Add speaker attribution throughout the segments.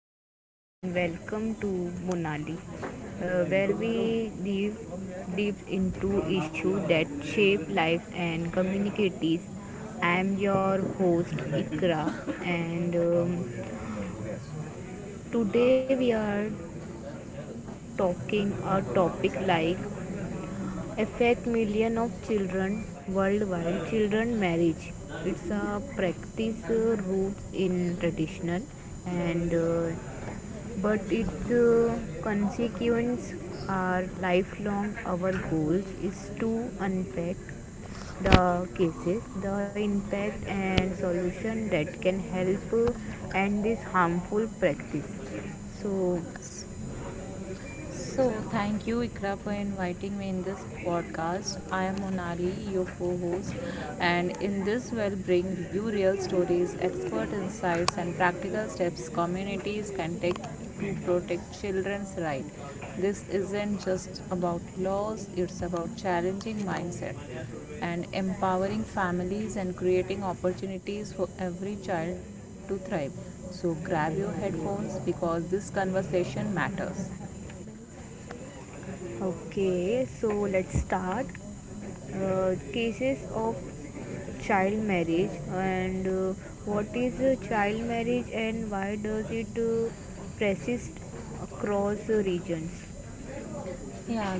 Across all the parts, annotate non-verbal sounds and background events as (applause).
Speaker 1: Hello and welcome to Monali, where we dive deep into issues that shape life and communities. I am your host Ikra, and today we are talking a topic like affect million of
Speaker 2: Hindi po po
Speaker 1: children
Speaker 2: mga
Speaker 1: worldwide. Children marriage. It's a practice roots in traditional and but its consequence are lifelong. Our goals is to unpack the cases, the impact and solution that can help end this harmful practice. So,
Speaker 2: So, thank you, Ikra, for inviting me in this podcast. I am Monali, your co host, and in this, we'll bring you real stories, expert insights, and practical steps communities can take to protect children's rights. This isn't just about laws, it's about challenging mindset and empowering families and creating opportunities for every child to thrive. So, grab your headphones because this conversation matters.
Speaker 1: okay, so let's start. Cases of child marriage and what is child marriage and why does it persist across regions?
Speaker 2: Yeah,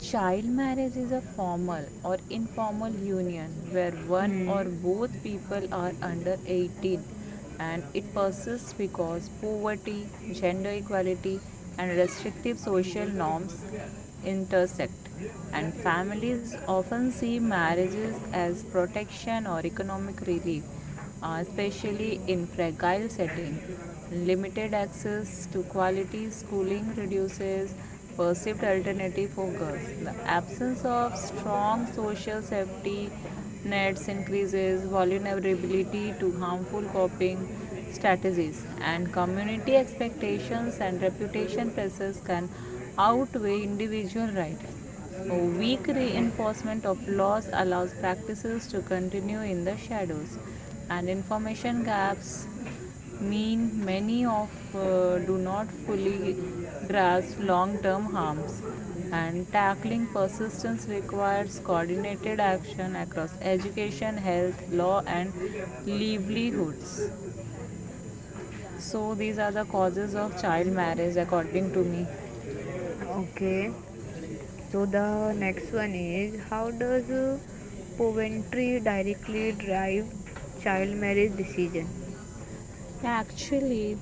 Speaker 2: child marriage is a formal or informal union where one or
Speaker 1: Hmm.
Speaker 2: both people are under 18, and it persists because poverty, gender equality, and restrictive social norms intersect. And families often see marriages as protection or economic relief, especially in fragile setting. Limited access to quality schooling reduces perceived alternative for girls. The absence of strong social safety nets increases vulnerability to harmful coping strategies, and community expectations and reputation pressures can outweigh individual rights. A weak reinforcement of laws allows practices to continue in the shadows, and information gaps mean many of do not fully grasp long-term harms. And tackling persistence requires coordinated action across education, health, law, and livelihoods. So these are the causes of child marriage, according to me.
Speaker 1: Okay. So the next one is how does Poventry directly drive child marriage decision?
Speaker 2: Actually,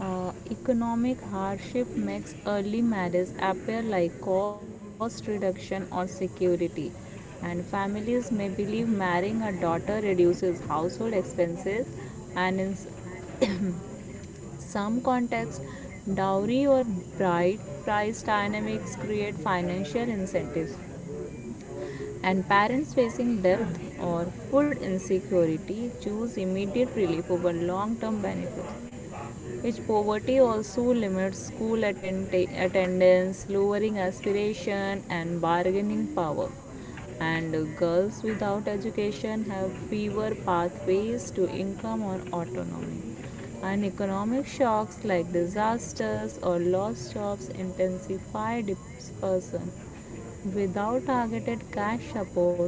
Speaker 2: economic hardship makes early marriage appear like cost reduction or security, and families may believe marrying a daughter reduces household expenses, and (coughs) some contexts, dowry or bride price dynamics create financial incentives. And parents facing debt or food insecurity choose immediate relief over long term benefits, which poverty also limits school attendance, lowering aspiration and bargaining power. And girls without education have fewer pathways to income or autonomy. And economic shocks like disasters or lost jobs intensify dispersion. Without targeted cash support,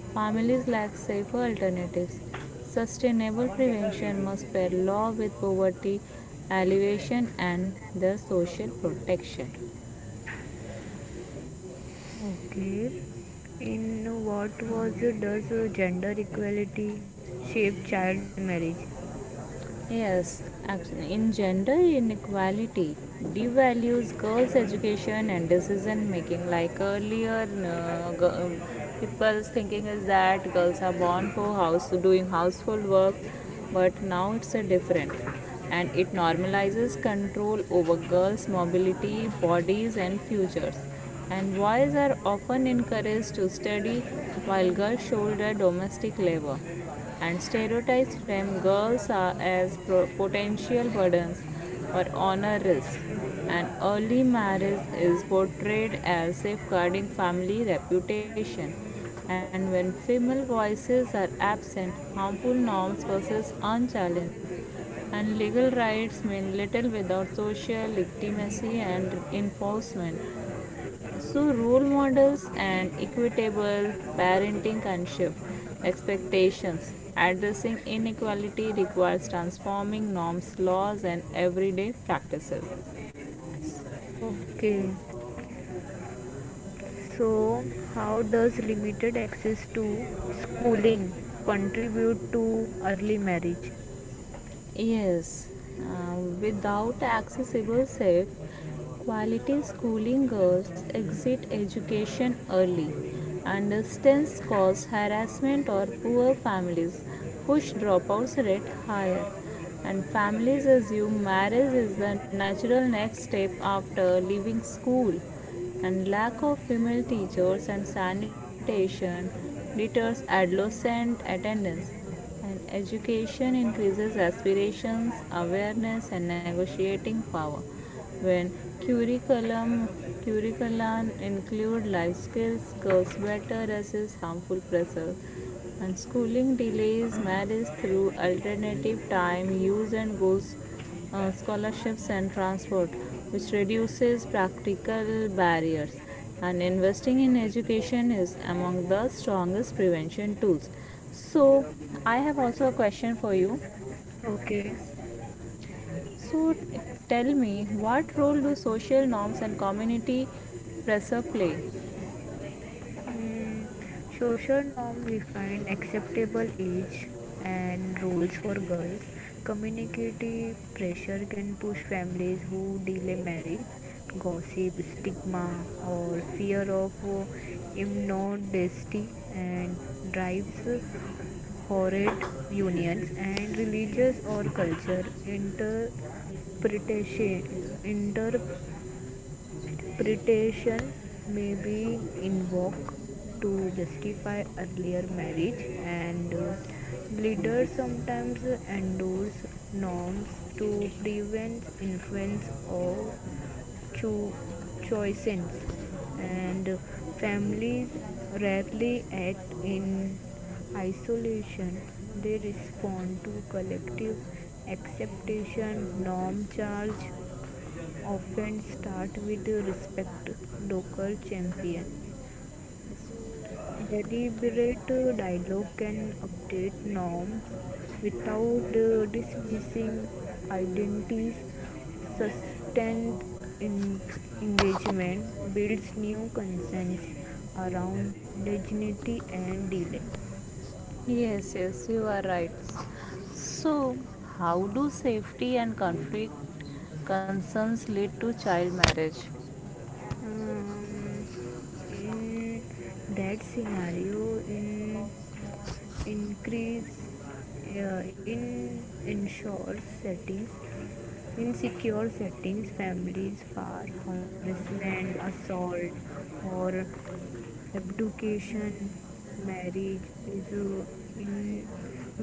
Speaker 2: families lack safer alternatives. Sustainable prevention must pair law with poverty alleviation and the social protection.
Speaker 1: Okay. In what was does gender equality shape child marriage?
Speaker 2: Yes, in gender inequality devalues girls' education and decision making. Like earlier, people's thinking is that girls are born for house doing household work, but now it's a different, and it normalizes control over girls' mobility, bodies, and futures. And boys are often encouraged to study, while girls shoulder domestic labor, and stereotypes frame girls are as potential burdens or honor risks. And early marriage is portrayed as safeguarding family reputation. And when female voices are absent, harmful norms persist unchallenged. And legal rights mean little without social legitimacy and enforcement. So, role models and equitable parenting can shift expectations. Addressing inequality requires transforming norms, laws, and everyday practices.
Speaker 1: Okay. So how does limited access to schooling contribute to early marriage?
Speaker 2: Yes, uh, without accessible, safe, quality schooling, girls exit education early. Understands cause harassment or poor families push dropouts rate higher. And families assume marriage is the natural next step after leaving school. And lack of female teachers and sanitation deters adolescent attendance, and education increases aspirations, awareness, and negotiating power. When curriculum include life skills, girls better resist harmful pressure. And schooling delays marriage through alternative time use and goes scholarships and transport, which reduces practical barriers. And investing in education is among the strongest prevention tools. So, I have also a question for you.
Speaker 1: Okay.
Speaker 2: So, tell me, what role do social norms and community pressure play?
Speaker 1: Mm, social norm define acceptable age and roles for girls. Community pressure can push families who delay marriage. Gossip, stigma, or fear of immodesty and drives horrid unions and religious or culture interpretation Interpretation may be invoked to justify earlier marriage, and leaders sometimes endorse norms to prevent influence or cho- choices, and families rarely act in isolation. They respond to collective acceptation, norm charge, often start with respect docker champion deliberate dialogue can update norms without dismissing identities sustained in engagement builds new concerns around dignity and delay
Speaker 2: Yes, yes, you are right. So, how do safety and conflict concerns lead to child marriage?
Speaker 1: um, in that scenario in increase in ensure settings in secure settings families for harassment assault or abduction marriage is in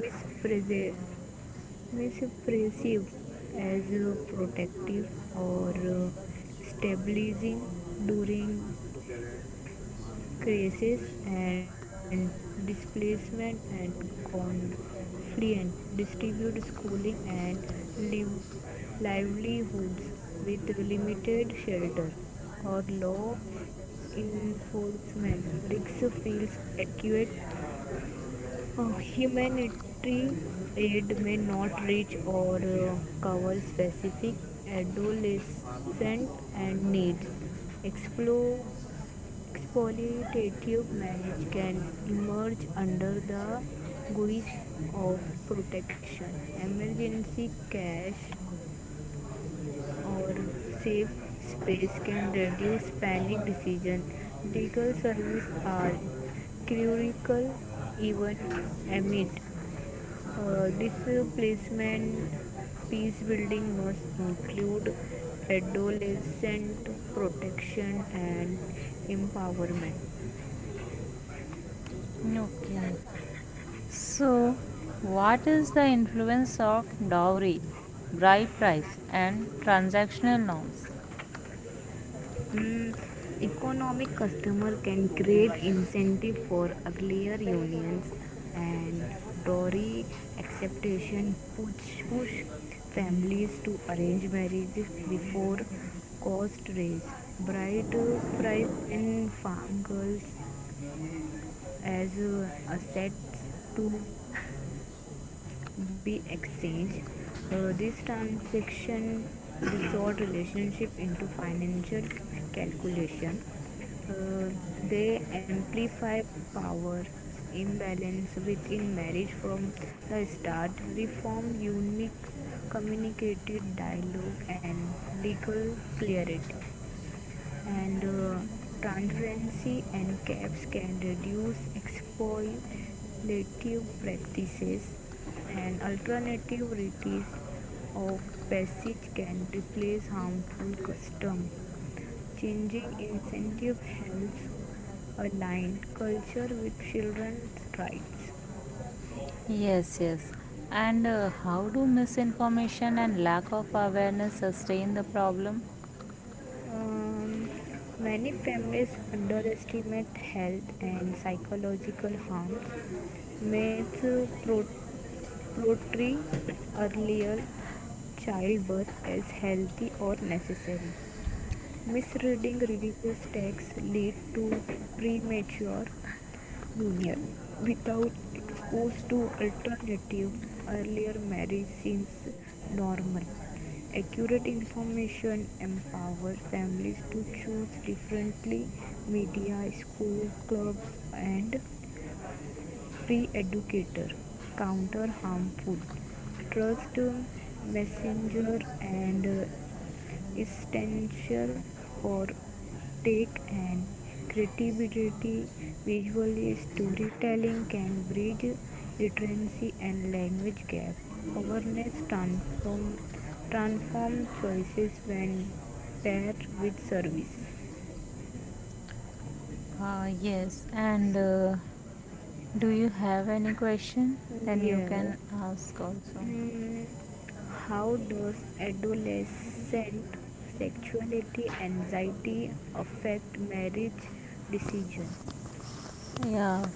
Speaker 1: mispresent Misopressive as protective or stabilizing during crisis and displacement and conflict distribute schooling and liv- livelihoods with limited shelter or law enforcement risk feels acute humanitarian aid may not reach or cover specific adolescent and needs. Explo- exploitative marriage can emerge under the guise of protection. Emergency cash or safe space can reduce panic decision. Legal services are critical even amid displacement. Peace building must include adolescent protection and empowerment.
Speaker 2: Okay. So, what is the influence of dowry, bride price, and transactional norms?
Speaker 1: Mm, economic customer can create incentive for earlier unions and dowry acceptation push families to arrange marriage before cost raise bride price and farm girls as assets to be exchanged. This transaction distort relationship into financial calculation. Uh, they amplify power imbalance within marriage from the start, reform unique communicated dialogue and legal clarity and transparency and caps can reduce exploitative practices and alternative rites of passage can replace harmful customs. Changing incentive helps align culture with children's rights.
Speaker 2: Yes, yes. And how do misinformation and lack of awareness sustain the problem?
Speaker 1: Um, many families underestimate health and psychological harms. Myths portray earlier childbirth as healthy or necessary. Misreading religious texts lead to premature union. Without exposed to alternative, earlier marriage seems normal. Accurate information empowers families to choose differently. Media, school, clubs, and free educator counter harmful trust messenger and essential for tech and creativity. Visual storytelling can bridge literacy and language gap. Awareness transform, choices when paired with service.
Speaker 2: Yes, and do you have any question? Then you
Speaker 1: Yeah.
Speaker 2: can ask also.
Speaker 1: Mm, how does adolescent sexuality anxiety affect marriage decision?
Speaker 2: Yeah,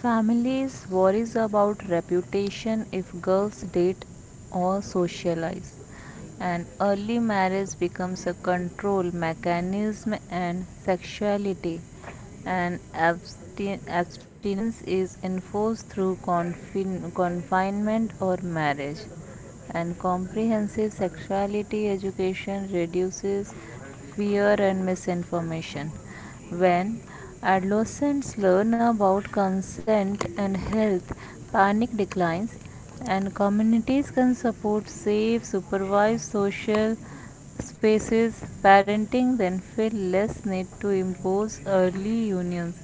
Speaker 2: families worries about reputation if girls date or socialize. And early marriage becomes a control mechanism, and sexuality and abstinence is enforced through confinement or marriage, and comprehensive sexuality education reduces fear and misinformation. When adolescents learn about consent and health, panic declines, and communities can support safe, supervised social spaces. Parenting then feel less need to impose early unions,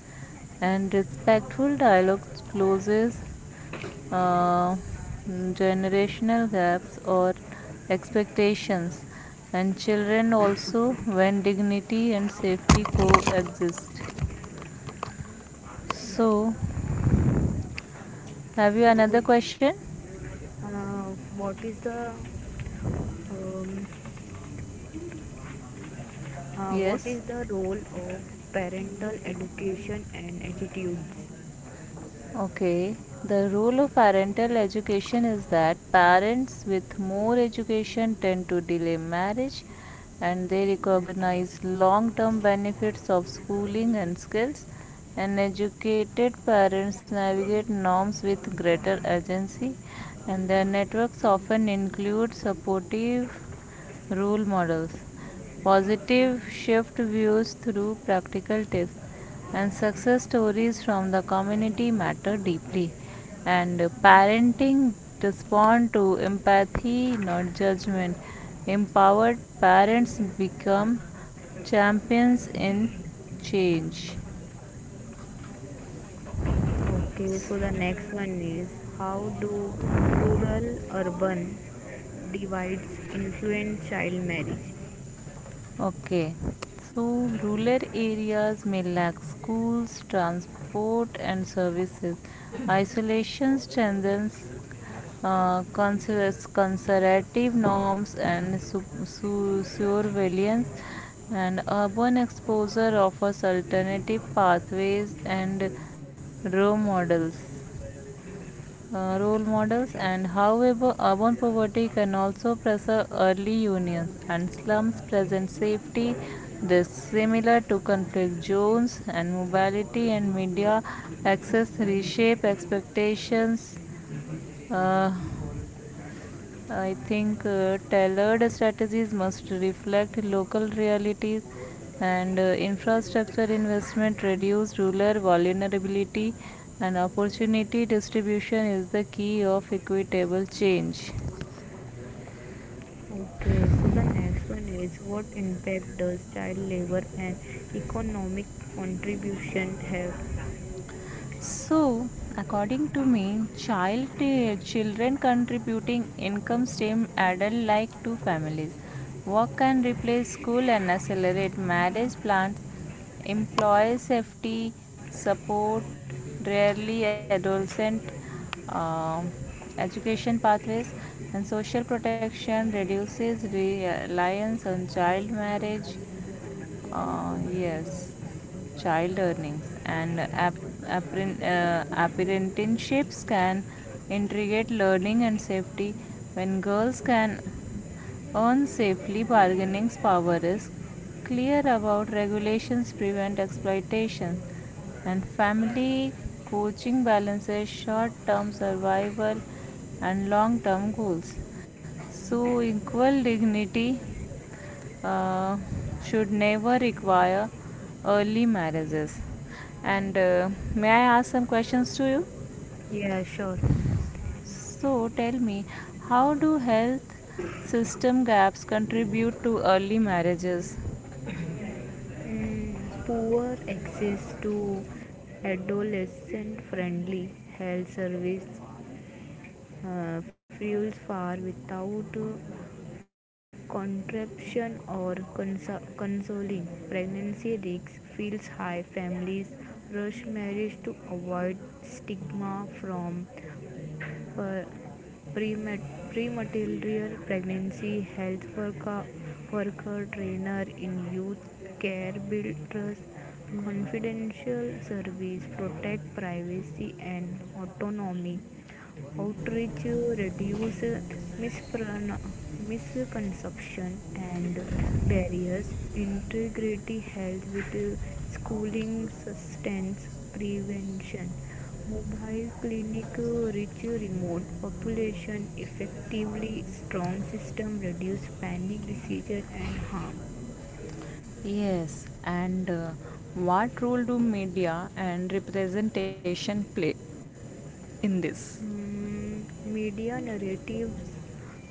Speaker 2: and respectful dialogue closes uh, generational gaps or expectations, and children also when dignity and safety coexist. So, have you
Speaker 1: So
Speaker 2: another question?
Speaker 1: Uh, what is the um, what
Speaker 2: Yes.
Speaker 1: is the role of parental education and attitudes?
Speaker 2: Okay, the role of parental education is that parents with more education tend to delay marriage, and they recognize long term benefits of schooling and skills. And educated parents navigate norms with greater agency, and their networks often include supportive role models, positive shift views through practical tips, and success stories from the community matter deeply, and parenting respond to empathy, not judgment. Empowered parents become champions in change.
Speaker 1: Okay, so the next one is how do rural urban divides influence child marriage?
Speaker 2: Okay, so rural areas may lack schools, transport, and services. Isolation strengthens uh, conservative norms and surveillance, and urban exposure offers alternative pathways and role models role models. And however, urban poverty can also pressure early unions, and slums present safety risks similar to conflict zones, and mobility and media access reshape expectations. uh, I think tailored strategies must reflect local realities, and infrastructure investment reduce rural vulnerability, and opportunity distribution is the key of equitable change.
Speaker 1: Okay, so the next one is what impact does child labor and economic contribution have?
Speaker 2: So, according to me, children contributing income stem adult like to families. Work can replace school and accelerate marriage plans. Employee safety support rarely adolescent um education pathways, and social protection reduces reliance on child marriage. Yes, child earnings and apprenticeships can integrate learning and safety. When girls can earn safely, bargaining power is clear about regulations prevent exploitation, and family coaching balances short term survival and long term goals. So, equal dignity uh, should never require early marriages. And may I ask some questions to you?
Speaker 1: Yeah, sure.
Speaker 2: So tell me, how do health system gaps contribute to early marriages?
Speaker 1: Poor access to adolescent friendly health service fuels far without contraception or cons consoling pregnancy risks feels high families rush marriage to avoid stigma from prematerial pregnancy health worker trainer in youth care build trust confidential service protect privacy and autonomy outreach reduce mispron- misconception and barriers integrity health with schooling sustenance prevention mobile clinic reach remote population effectively strong system reduce panic disease and harm.
Speaker 2: Yes, and what role do media and representation play in this?
Speaker 1: Mm, media narratives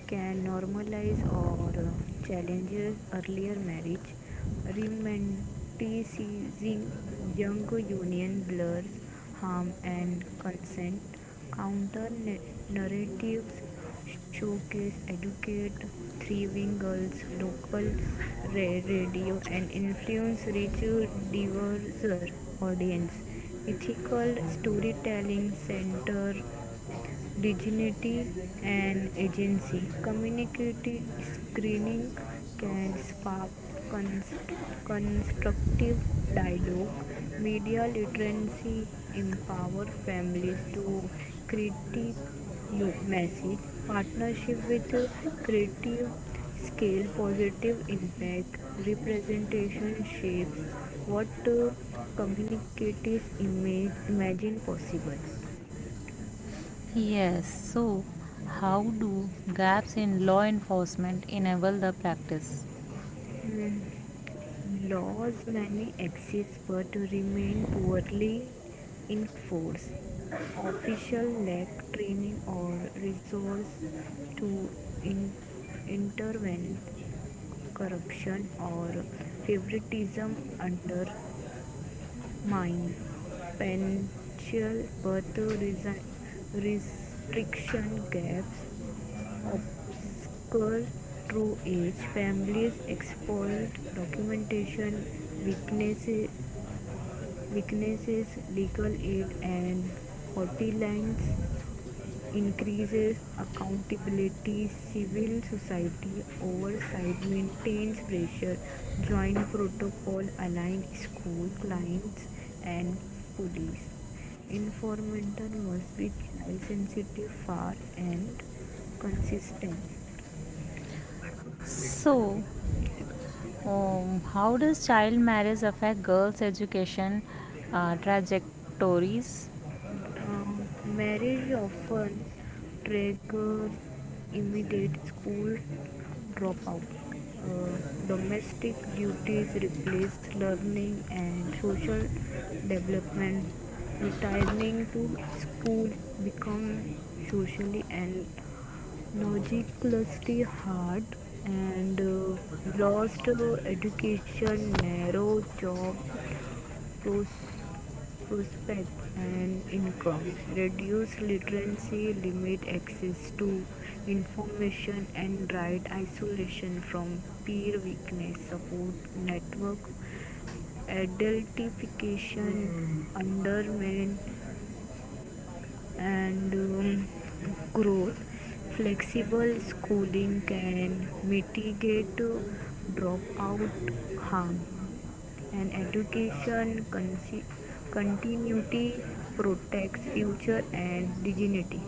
Speaker 1: can normalize or challenges earlier marriage, romanticizing young union blurs harm and consent. Counter na- narratives showcase educate thriving girls, local ra- radio, and influence rich diverse audience. Ethical storytelling center dignity and agency. Community screening can spark constructive dialogue. Media literacy empower families to critique message. Partnership with creative scale positive impact. Representation shapes what communicators imagine possible.
Speaker 2: Yes, so how do gaps in law enforcement enable the practice?
Speaker 1: Hmm. Laws may exist but remain poorly enforced. Officials lack training or resources to in- intervene. Corruption or favoritism undermine potential birth restriction gaps obscure true age, families exploit documentation weaknesses weaknesses legal aid and hotlines increases accountability civil society oversight maintains pressure joint protocol align school clients and police information must be child sensitive fair and consistent.
Speaker 2: So, how does child marriage affect girls' education trajectories?
Speaker 1: Um, marriage often triggers immediate school dropout. Uh, domestic duties replace learning and social development. Returning to school becomes socially and logically hard and lost education narrow job prospect and income, reduce literacy, limit access to information and right isolation from peer weakness, support network, adultification, undermine and growth. Flexible schooling can mitigate dropout harm and education continuity protects future and dignity.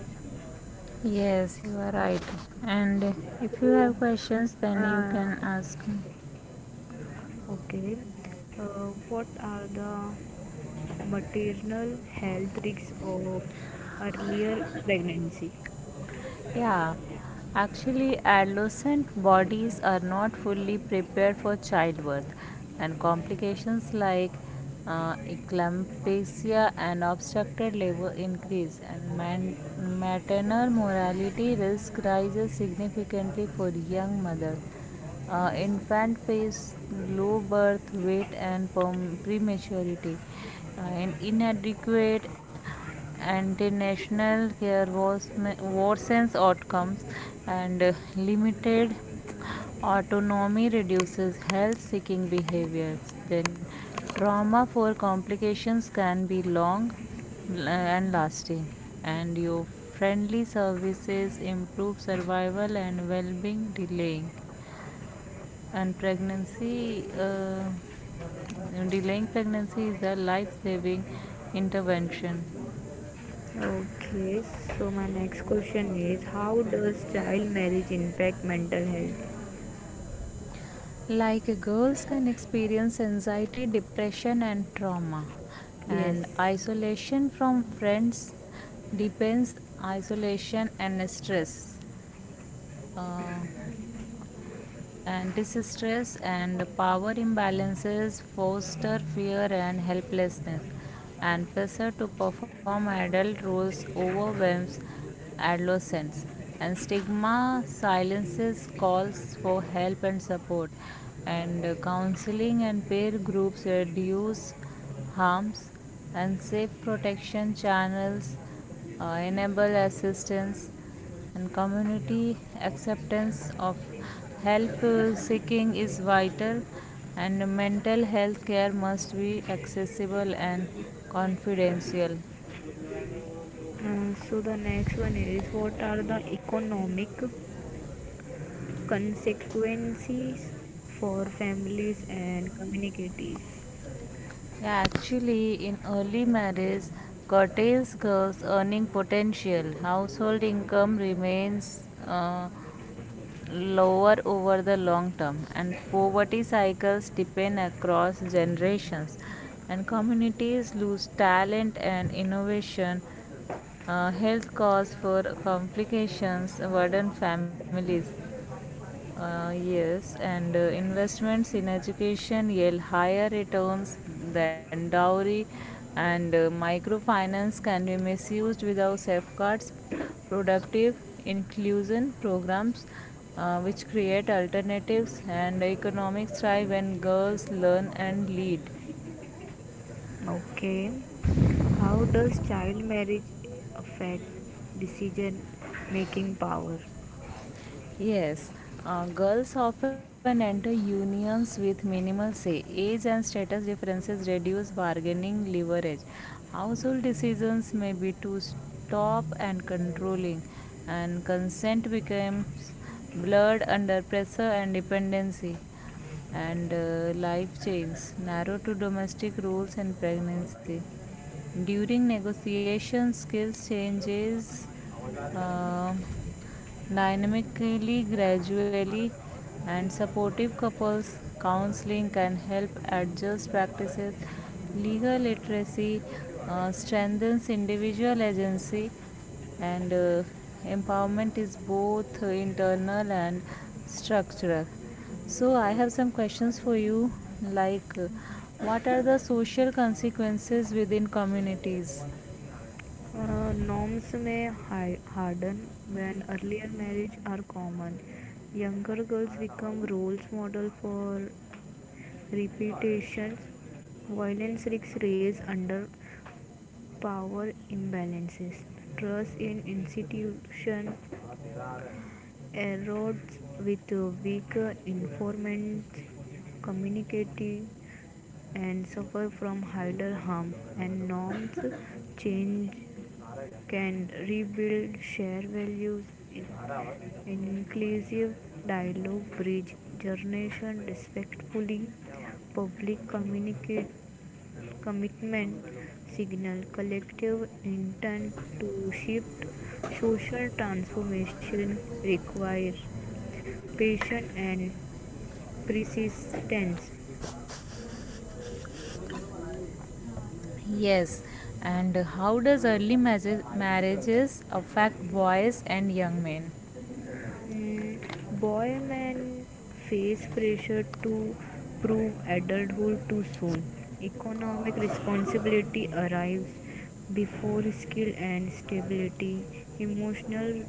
Speaker 2: Yes, you are right. And if you
Speaker 1: So,
Speaker 2: have questions, then you
Speaker 1: uh,
Speaker 2: can ask me.
Speaker 1: okay, what are the maternal health risks of earlier pregnancy?
Speaker 2: Yeah, actually, adolescent bodies are not fully prepared for childbirth, and complications like eclampsia and obstructed labor increase, and maternal mortality risk rises significantly for young mother. Infant face low birth weight and prematurity, and inadequate antenatal care worsens outcomes, and limited autonomy reduces health seeking behaviors. Then trauma for complications can be long and lasting, and your friendly services improve survival and well-being. And pregnancy uh, Delaying pregnancy is a life-saving intervention.
Speaker 1: Okay, so my next question is how does child marriage impact mental health?
Speaker 2: Like girls can experience anxiety, depression, and trauma, and
Speaker 1: Yes.
Speaker 2: isolation from friends depends isolation and stress. Uh, and distress and power imbalances foster fear and helplessness, and pressure to perform adult roles overwhelms adolescents, and stigma silences calls for help and support. And counseling and peer groups reduce harms, and safe protection channels enable assistance, and community acceptance of help seeking is vital, and mental health care must be accessible and confidential.
Speaker 1: So the next one is what are the economic consequences for families and communities.
Speaker 2: Yeah, actually, in early marriage, curtails girls' earning potential. Household income remains lower over the long term, and poverty cycles deepen across generations. And communities lose talent and innovation. Health cause for complications burden families. Yes, and investments in education yield higher returns than dowry, and microfinance can be misused without safeguards. Productive inclusion programs, which create alternatives, and economics thrive when girls learn and lead.
Speaker 1: Okay, how does child marriage affect decision making power?
Speaker 2: Yes, girls often enter unions with minimal say. Age and status differences reduce bargaining leverage. Household decisions may be to stop and controlling, and consent becomes blurred under pressure and dependency, and life chains narrow to domestic roles and pregnancy. During negotiation, skills changes uh, dynamically, gradually, and supportive couples counseling can help adjust practices. Legal literacy strengthens individual agency, and empowerment is both internal and structural. So, I have some questions for you, like, what are the social consequences within communities?
Speaker 1: Norms may harden when earlier marriage are common. Younger girls become roles model for repetitions. Violence risks raise under power imbalances. Trust in institutions erodes with weaker informants communicating and suffer from higher harm and norms change can rebuild shared values inclusive dialogue bridge generation respectfully public communicate commitment signal collective intent to shift social transformation require patience and persistence.
Speaker 2: Yes, and how does marriages affect boys and young men?
Speaker 1: Mm, boy men face pressure to prove adulthood too soon. Economic responsibility arrives before skill and stability. Emotional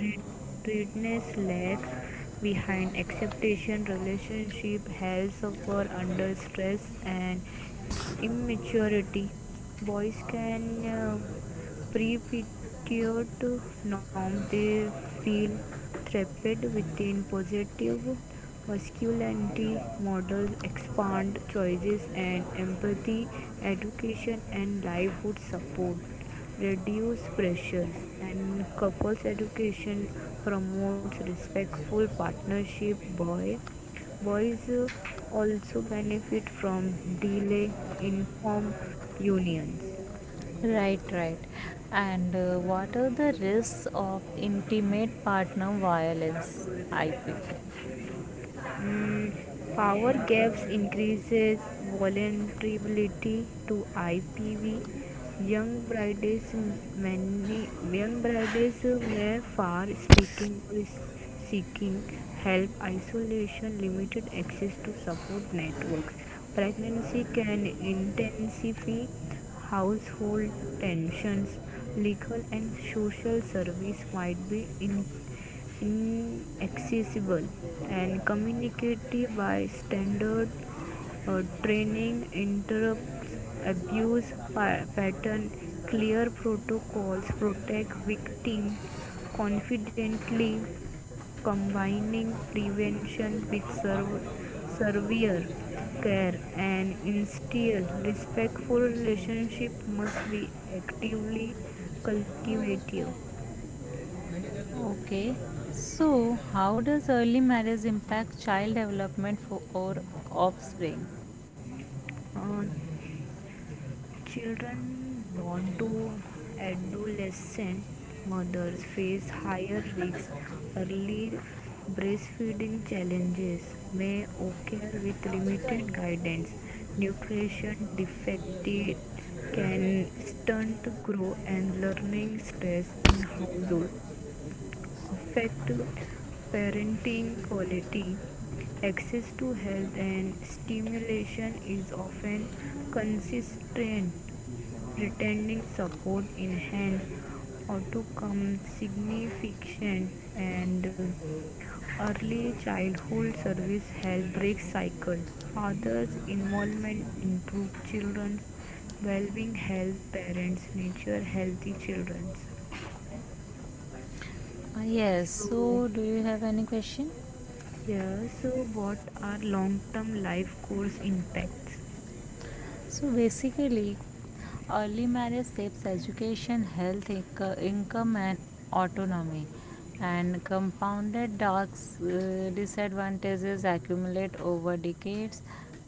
Speaker 1: readiness lags behind acceptation. Relationship health suffer under stress and immaturity. Boys can pre-fitted norm they feel trapped within positive masculinity models expand choices and empathy education and livelihood support reduce pressures and couples education promotes respectful partnership boys also benefit from delay in form unions.
Speaker 2: Right, right. And what are the risks of intimate partner violence? IP.
Speaker 1: Mm, power gaps increases vulnerability to IPV. Young brides, many young brides may far speaking or seeking help, isolation, limited access to support networks. Pregnancy can intensify household tensions. Legal and social service might be in inaccessible and communicative by standard training interrupts abuse pattern clear protocols protect victims confidently combining prevention with severe care and instill respectful relationship must be actively cultivated.
Speaker 2: Okay. So, how does early marriage impact child development for or offspring?
Speaker 1: Uh, Children born to adolescent mothers face higher risks. Early breastfeeding challenges may occur with limited guidance. Nutrition defective can stunt growth and learning stress in household affect parenting quality. Access to health and stimulation is often constrained. Pretending support enhanced outcome significant and early childhood service help break cycle. Fathers' involvement improve children's well-being, help parents nurture healthy children.
Speaker 2: Yes,
Speaker 1: So
Speaker 2: so do you have any question?
Speaker 1: yeah, so what are long-term life course impacts?
Speaker 2: So basically, early marriage saves education, health, income, and autonomy, and compounded dark disadvantages accumulate over decades,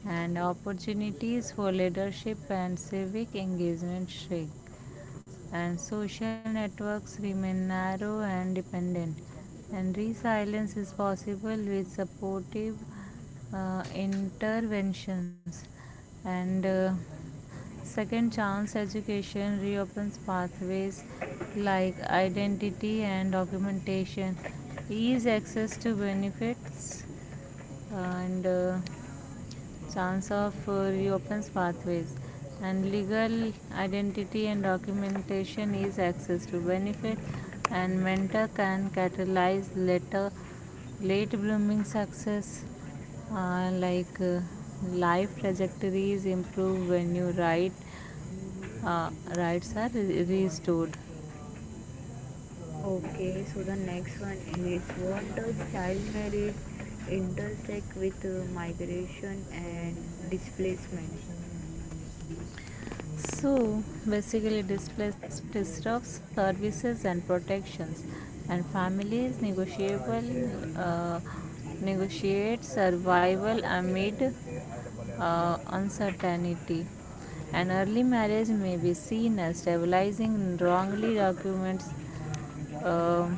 Speaker 2: and opportunities for leadership and civic engagement shrink, and social networks remain narrow and dependent. And resilience is possible with supportive interventions. And second chance education reopens pathways, like identity and documentation, ease access to benefits, and chance of reopens pathways and legal identity and documentation is access to benefit, and mentor can catalyze later late blooming success. uh, like uh, Life trajectories improve when you write rights are restored.
Speaker 1: Okay, so the next one is what does child marriage intersect with migration and displacement?
Speaker 2: So basically, displacement disrupts services and protections, and families negotiable uh, negotiate survival
Speaker 1: Okay,
Speaker 2: amid uncertainty. An early marriage may be seen as stabilizing wrongly documents um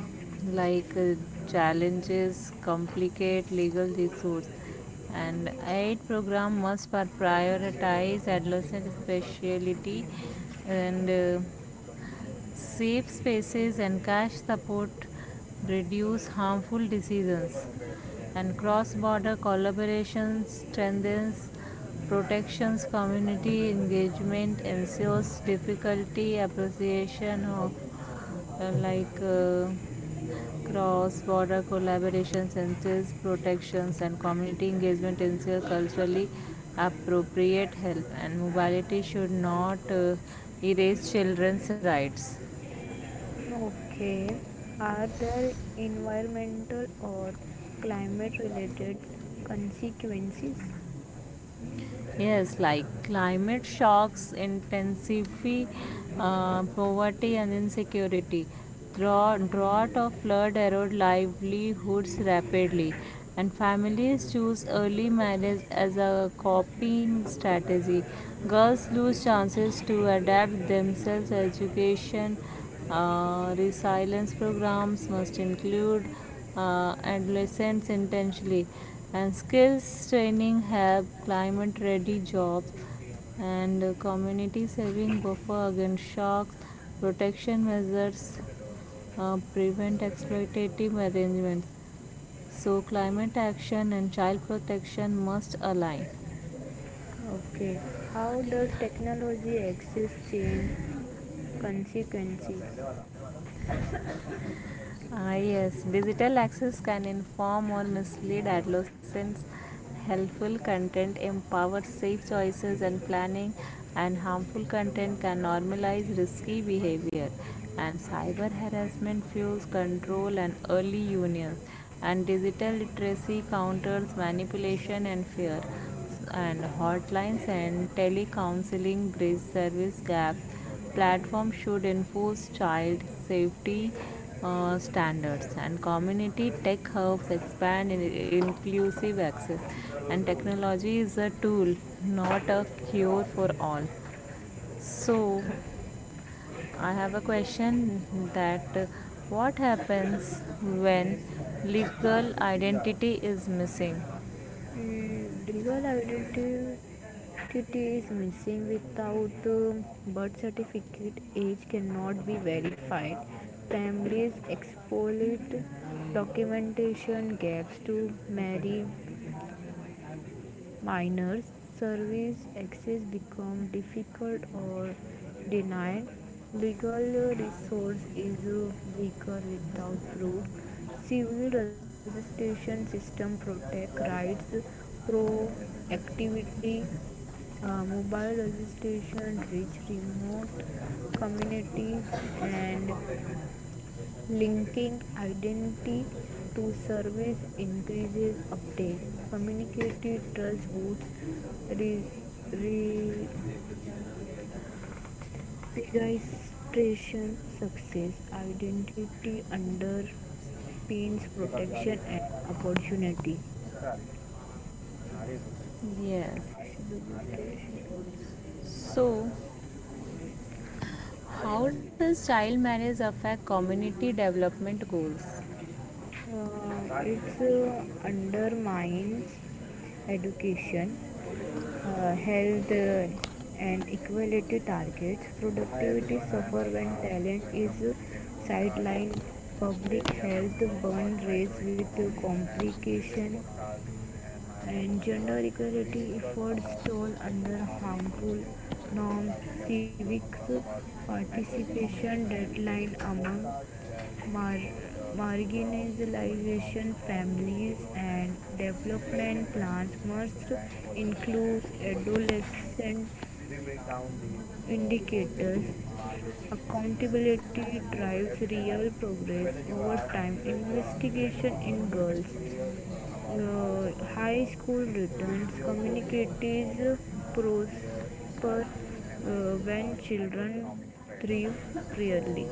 Speaker 2: like uh, challenges complicate legal issues and aid program must prioritize adolescent speciality and safe spaces and cash support reduce harmful decisions and cross-border collaboration strengthens protections community engagement ensures difficulty appreciation of uh, like uh, cross border collaborations entails protections and community engagement entails culturally appropriate help and mobility should not erase children's rights.
Speaker 1: are there environmental or climate related consequences?
Speaker 2: Yes, like climate shocks intensify poverty and insecurity. Drought or flood erode livelihoods rapidly, and families choose early marriage as a coping strategy. Girls lose chances to adapt themselves. Education resilience programs must include adolescents intentionally and skills training help climate ready jobs and community saving buffer against shocks protection measures prevent exploitative arrangements so climate action and child protection must align.
Speaker 1: Okay. How does technology access change consequences?
Speaker 2: Yes, digital access can inform or mislead adolescents. Helpful content empowers safe choices and planning, and harmful content can normalize risky behavior. And cyber harassment fuels control and early unions. And digital literacy counters manipulation and fear and hotlines and telecounseling bridge service gaps. Platforms should enforce child safety standards and community tech hubs expand inclusive access. And technology is a tool, not a cure for all. So, I have a question that what happens when legal identity is missing?
Speaker 1: Mm, legal identity is missing without birth certificate. Age cannot be verified. Families exploit documentation gaps to marry minors, service access become difficult or denied. Legal resource is weaker without proof. Civil registration system protect rights proactively. Mobile registration reach remote communities and linking identity to service increases uptake. Communicative trust boosts registration success. Identity underpins protection and opportunity.
Speaker 2: Yes. So, how does child marriage affect community development goals?
Speaker 1: Uh, it undermines education, health, and equality targets. Productivity suffer when talent is sidelined. Public health burn raise with complication and gender equality efforts toll under harmful norms, civic participation deadline among mar- marginalization families and development plans must include adolescent indicators. Accountability drives real progress over time. Investigation in girls, high school returns, communities prosper when children thrive rarely.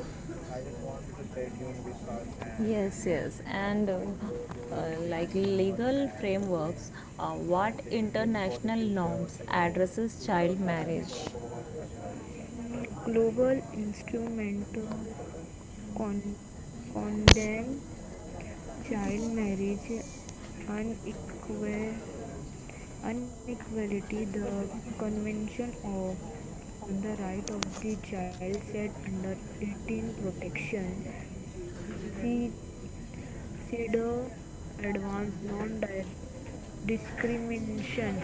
Speaker 1: I just want you to stay tuned with us and
Speaker 2: Yes, yes,
Speaker 1: we
Speaker 2: and
Speaker 1: explore the stories
Speaker 2: like
Speaker 1: behind numbers
Speaker 2: legal
Speaker 1: and what
Speaker 2: frameworks,
Speaker 1: makes
Speaker 2: what
Speaker 1: like for the
Speaker 2: international
Speaker 1: future. So
Speaker 2: norms
Speaker 1: today
Speaker 2: addresses
Speaker 1: also
Speaker 2: child
Speaker 1: I have been talk
Speaker 2: marriage?
Speaker 1: about global instrumental con- condemn child marriage, unequal inequality. The Convention of on the Right of the Child said under 18 protection. See CEDAW advanced non-discrimination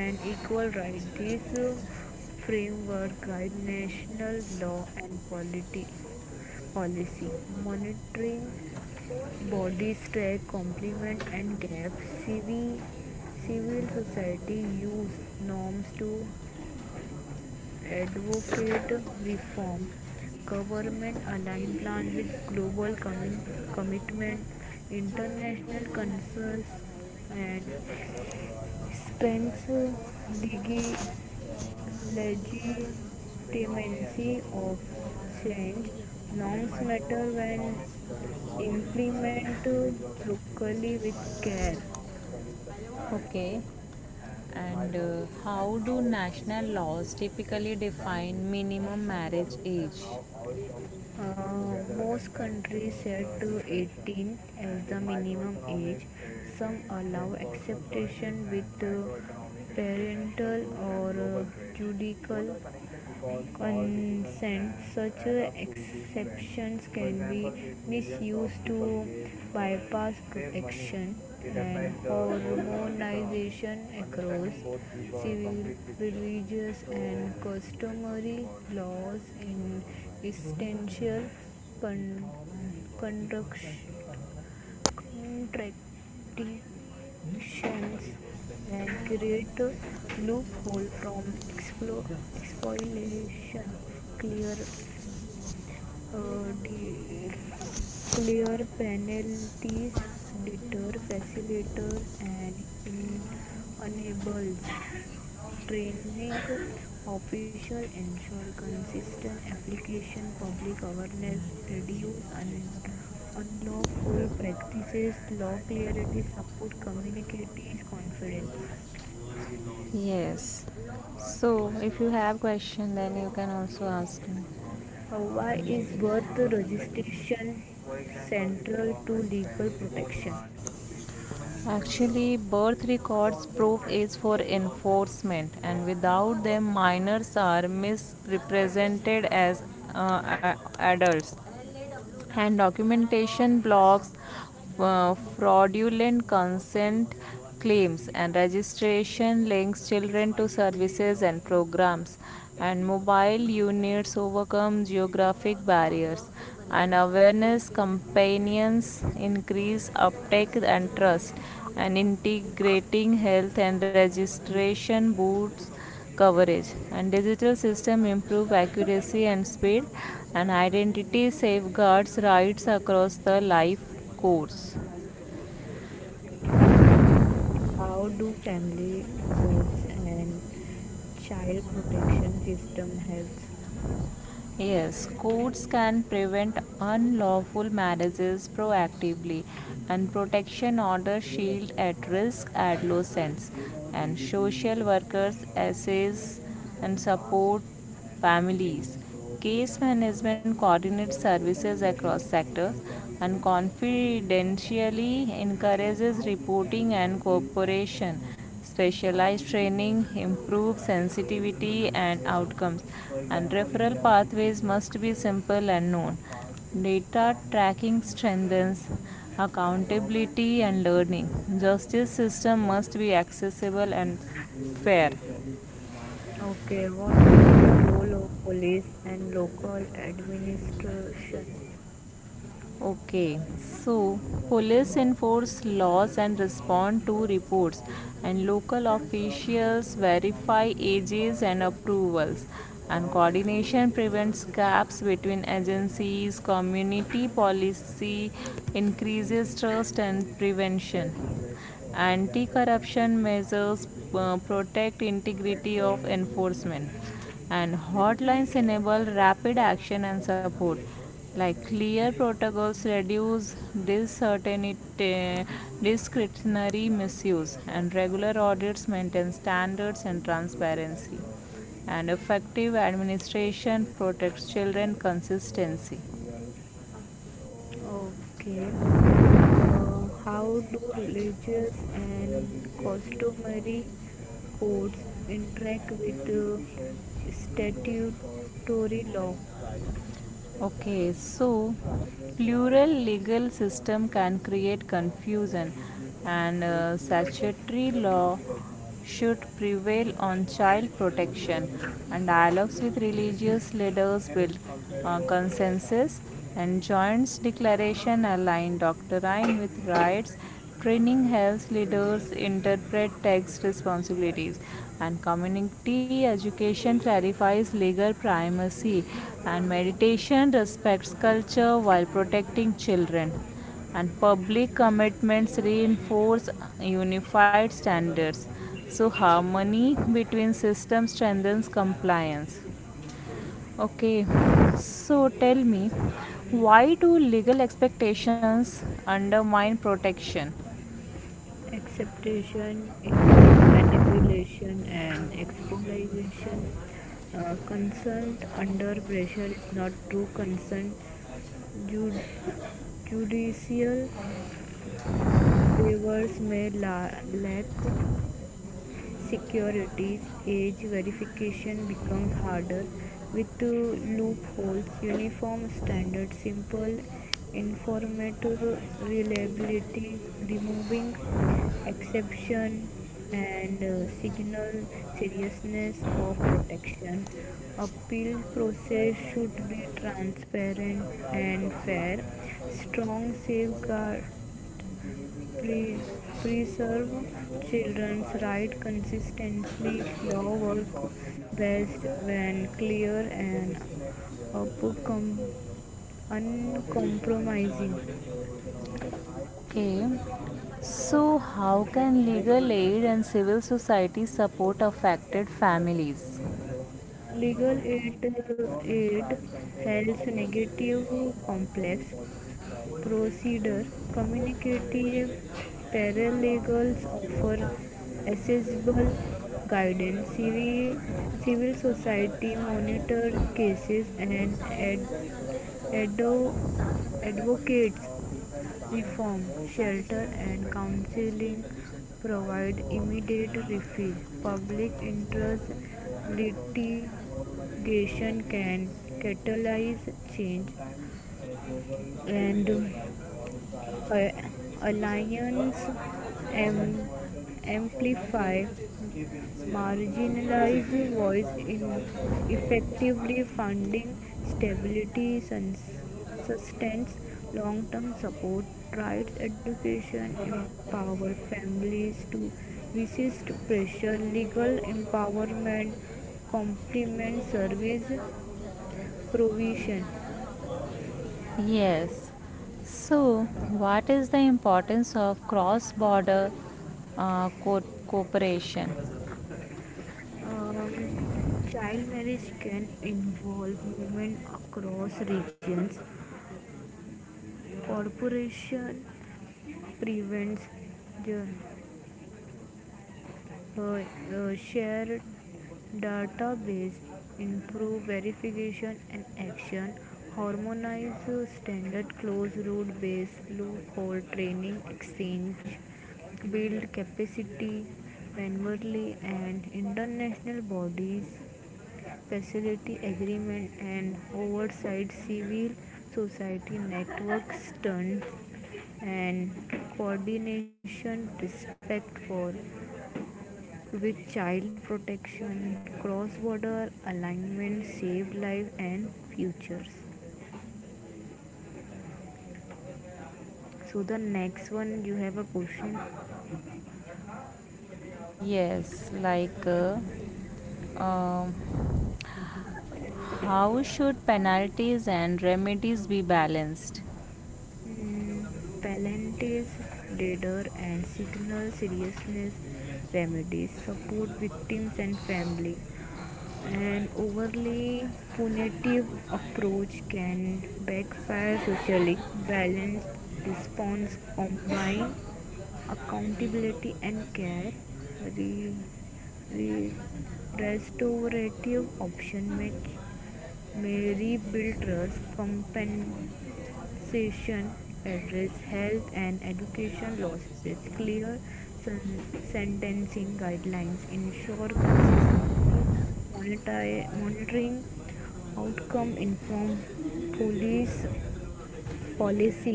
Speaker 1: and equal rights. This framework guides national law and policy. Monitoring bodies track complement and gaps. Civil society use norms to advocate reform, government aligned plan with global commitment, international concerns, and strengths legitimacy of change. Norms matter when implemented locally with care
Speaker 2: Okay.
Speaker 1: and
Speaker 2: And
Speaker 1: micro looks at
Speaker 2: how
Speaker 1: how
Speaker 2: do
Speaker 1: much
Speaker 2: national laws
Speaker 1: you can
Speaker 2: typically
Speaker 1: subscribe
Speaker 2: define
Speaker 1: but
Speaker 2: minimum
Speaker 1: macro
Speaker 2: marriage
Speaker 1: looks at
Speaker 2: age?
Speaker 1: how all shops. Most countries set to 18 as the minimum age. Some allow exception with parental or judicial consent. Such exceptions can be misused to bypass protection and harmonization across civil, religious, and customary laws in essential con- conduct- contradictions and create a loophole from exploitation. Clear declare penalties, deter facilitators, and en- enables training officials ensure consistent application public awareness reduce unlawful practices law clarity support communities confidence.
Speaker 2: Yes. So if you have question then you can also ask me.
Speaker 1: Hawaii is both registration central to legal protection.
Speaker 2: Actually, birth records proof is for enforcement, and without them, minors are misrepresented as uh, adults. And documentation blocks fraudulent consent claims and registration links children to services and programs and mobile units overcome geographic barriers and awareness campaigns increase uptake and trust and integrating health and registration boosts coverage and digital system improve accuracy and speed and identity safeguards rights across the life course.
Speaker 1: Mm, how do family courts and child protection system helps.
Speaker 2: Yes, courts can prevent unlawful marriages proactively, and protection orders
Speaker 1: Let us
Speaker 2: shield
Speaker 1: work more.
Speaker 2: at-risk adolescents, and
Speaker 1: GDP,
Speaker 2: social workers
Speaker 1: from
Speaker 2: assist
Speaker 1: the
Speaker 2: and
Speaker 1: foreign part in-
Speaker 2: support
Speaker 1: and GDP
Speaker 2: families.
Speaker 1: means growth,
Speaker 2: Case
Speaker 1: balance,
Speaker 2: management coordinates
Speaker 1: so the, total
Speaker 2: services across
Speaker 1: value of goods
Speaker 2: sectors
Speaker 1: and
Speaker 2: and
Speaker 1: services produce in a country,
Speaker 2: confidentially
Speaker 1: shows how
Speaker 2: encourages
Speaker 1: big and
Speaker 2: reporting and
Speaker 1: healthy an
Speaker 2: cooperation.
Speaker 1: economy is. High
Speaker 2: Specialized
Speaker 1: GDP means
Speaker 2: training
Speaker 1: growth
Speaker 2: improves
Speaker 1: while low GDP
Speaker 2: sensitivity
Speaker 1: means
Speaker 2: and
Speaker 1: slowdown.
Speaker 2: outcomes
Speaker 1: For
Speaker 2: and
Speaker 1: example,
Speaker 2: referral
Speaker 1: India's GDP
Speaker 2: pathways
Speaker 1: growth
Speaker 2: must be
Speaker 1: shows
Speaker 2: simple and
Speaker 1: how
Speaker 2: known.
Speaker 1: fast its
Speaker 2: Data
Speaker 1: economy
Speaker 2: tracking
Speaker 1: is, and
Speaker 2: strengthens
Speaker 1: and government would
Speaker 2: accountability
Speaker 1: give
Speaker 2: and
Speaker 1: you the
Speaker 2: learning.
Speaker 1: plan budget
Speaker 2: Justice
Speaker 1: and
Speaker 2: system must
Speaker 1: profit.
Speaker 2: be
Speaker 1: And
Speaker 2: accessible
Speaker 1: then
Speaker 2: and
Speaker 1: businesses use
Speaker 2: fair.
Speaker 1: it to demand and. Okay, what is the role of police and local administration?
Speaker 2: Okay,
Speaker 1: It
Speaker 2: so police enforce laws and respond to reports, and local officials verify ages and approvals. And coordination prevents gaps between agencies, community policy increases trust and prevention. Anti corruption measures protect integrity of enforcement and hotlines
Speaker 1: B2B
Speaker 2: enable
Speaker 1: affect
Speaker 2: rapid
Speaker 1: job of
Speaker 2: action and
Speaker 1: system and
Speaker 2: support
Speaker 1: living
Speaker 2: like clear
Speaker 1: standards.
Speaker 2: protocols reduce
Speaker 1: The
Speaker 2: discretionary misuse
Speaker 1: first
Speaker 2: and regular audits maintain standards and transparency and effective
Speaker 1: one
Speaker 2: administration
Speaker 1: is the
Speaker 2: protects children
Speaker 1: nominal and
Speaker 2: consistency.
Speaker 1: real. Okay. How do religious and customary codes interact with statutory law?
Speaker 2: Okay, so plural legal system can create confusion and statutory law should prevail on child protection and dialogues with religious leaders build consensus and joint declaration align doctrine with rights. Training helps leaders interpret tax responsibilities, and community education clarifies legal primacy, and meditation respects culture while protecting children. And public commitments reinforce unified standards. So, harmony between systems strengthens compliance. Okay, so tell me, why do legal expectations undermine protection?
Speaker 1: Acceptation, invite manipulation, and exploitation. Consent under pressure is not true consent. Jud- Judicial waivers may lack securities. Age verification becomes harder with loopholes, uniform standards, simple informative reliability, removing exception and signal seriousness of protection. Appeal process should be transparent and fair. Strong safeguard pre- preserve children's rights consistently. Law work best when clear and uncompromising.
Speaker 2: Okay. So, how can legal aid and civil society support affected families?
Speaker 1: Legal aid, aid helps negative complex procedure. Communicative paralegals offer accessible guidance. Civil society monitors cases and ado- advocates reform, shelter and counseling provide immediate refill. Public interest litigation can catalyze change and alliance am- amplify marginalized voice in effectively funding stability, sustains long-term support, rights education, empower families to resist pressure, legal empowerment, complement service provision.
Speaker 2: Yes. So, what is the importance of cross border cooperation?
Speaker 1: Um, Child marriage can involve women across regions. Corporation prevents the uh, shared database, improve verification and action, harmonize standard close route based loophole training exchange, build capacity manually and international bodies facility agreement and oversight civil society network stunts and coordination, respect for with child protection, cross-border alignment, saved life and futures. So the next one, you have a question.
Speaker 2: Yes, like um, how should penalties and remedies be balanced?
Speaker 1: Mm, Palantir's radar and signal seriousness. Remedies support victims and family. An overly punitive approach can backfire socially. Balanced response combine accountability and care. Re- re- Restorative option may Mary Biltner's compensation addressed health and education losses, clear sentencing guidelines, ensure consistency, monitoring outcome, inform police policy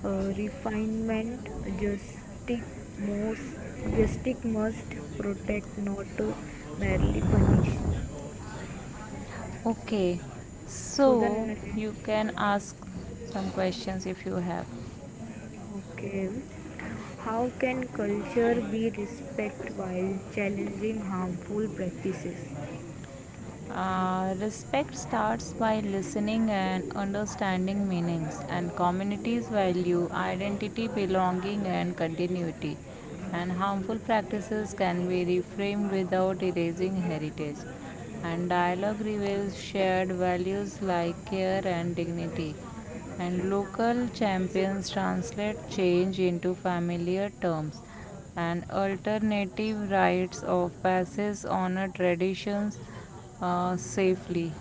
Speaker 1: refinement, justice most justice must protect, not merely punish.
Speaker 2: Okay,
Speaker 1: So the.
Speaker 2: so you can ask some questions if you have.
Speaker 1: Okay. How can culture be respect while challenging harmful practices?
Speaker 2: Respect starts by listening and understanding meanings and communities value identity, belonging, and continuity. And harmful practices can be reframed without erasing heritage. And dialogue reveals shared values like care and dignity. And local champions translate change into familiar terms and alternative rites of passage honor traditions safely.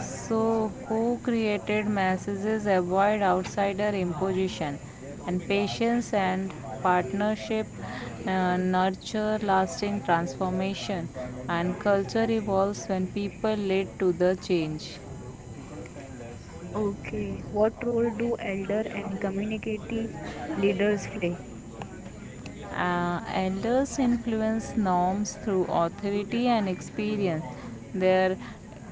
Speaker 2: So, co created messages avoid outsider imposition and patience and partnership nurture lasting transformation, and culture evolves when people lead to the change.
Speaker 1: Okay. What role do elder and community leaders play?
Speaker 2: Elders influence norms through authority and experience. Their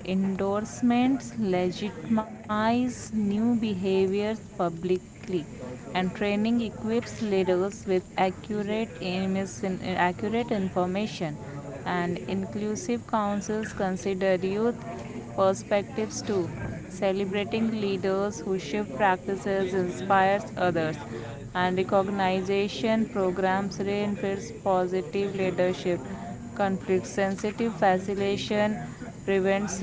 Speaker 2: endorsements legitimize new behaviors publicly,
Speaker 1: It
Speaker 2: and
Speaker 1: also
Speaker 2: training equips leaders with accurate, accurate information. And inclusive councils consider youth perspectives too. Celebrating leaders who shift practices inspires others and recognition programs reinforce positive leadership. Conflict sensitive
Speaker 1: training
Speaker 2: facilitation
Speaker 1: programs that people,
Speaker 2: prevents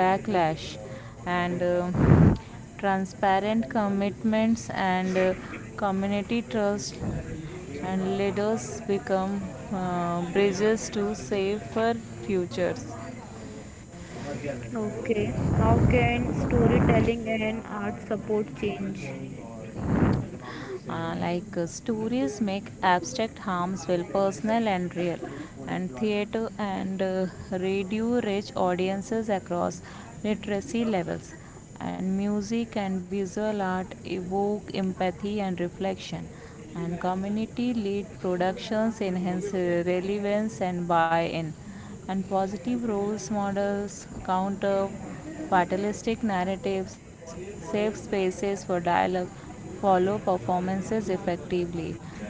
Speaker 2: backlash
Speaker 1: model
Speaker 2: and
Speaker 1: jobs.
Speaker 2: transparent
Speaker 1: Sometimes dominate
Speaker 2: commitments and community
Speaker 1: just is
Speaker 2: trust
Speaker 1: real
Speaker 2: and leaders
Speaker 1: inclined
Speaker 2: become
Speaker 1: uh,
Speaker 2: bridges to
Speaker 1: connected
Speaker 2: safer
Speaker 1: and go
Speaker 2: futures.
Speaker 1: around so communication. Okay, how can storytelling and art support change?
Speaker 2: Stories make abstract harms feel personal and
Speaker 1: Growth economic stability
Speaker 2: real,
Speaker 1: so like what is full
Speaker 2: and
Speaker 1: employment Sharaf,
Speaker 2: theater and radio reach audiences across literacy levels, and music and visual art evoke empathy and reflection, and community led productions enhance relevance and buy in and positive roles models counter fatalistic narratives safe spaces for dialogue follow performances effectively.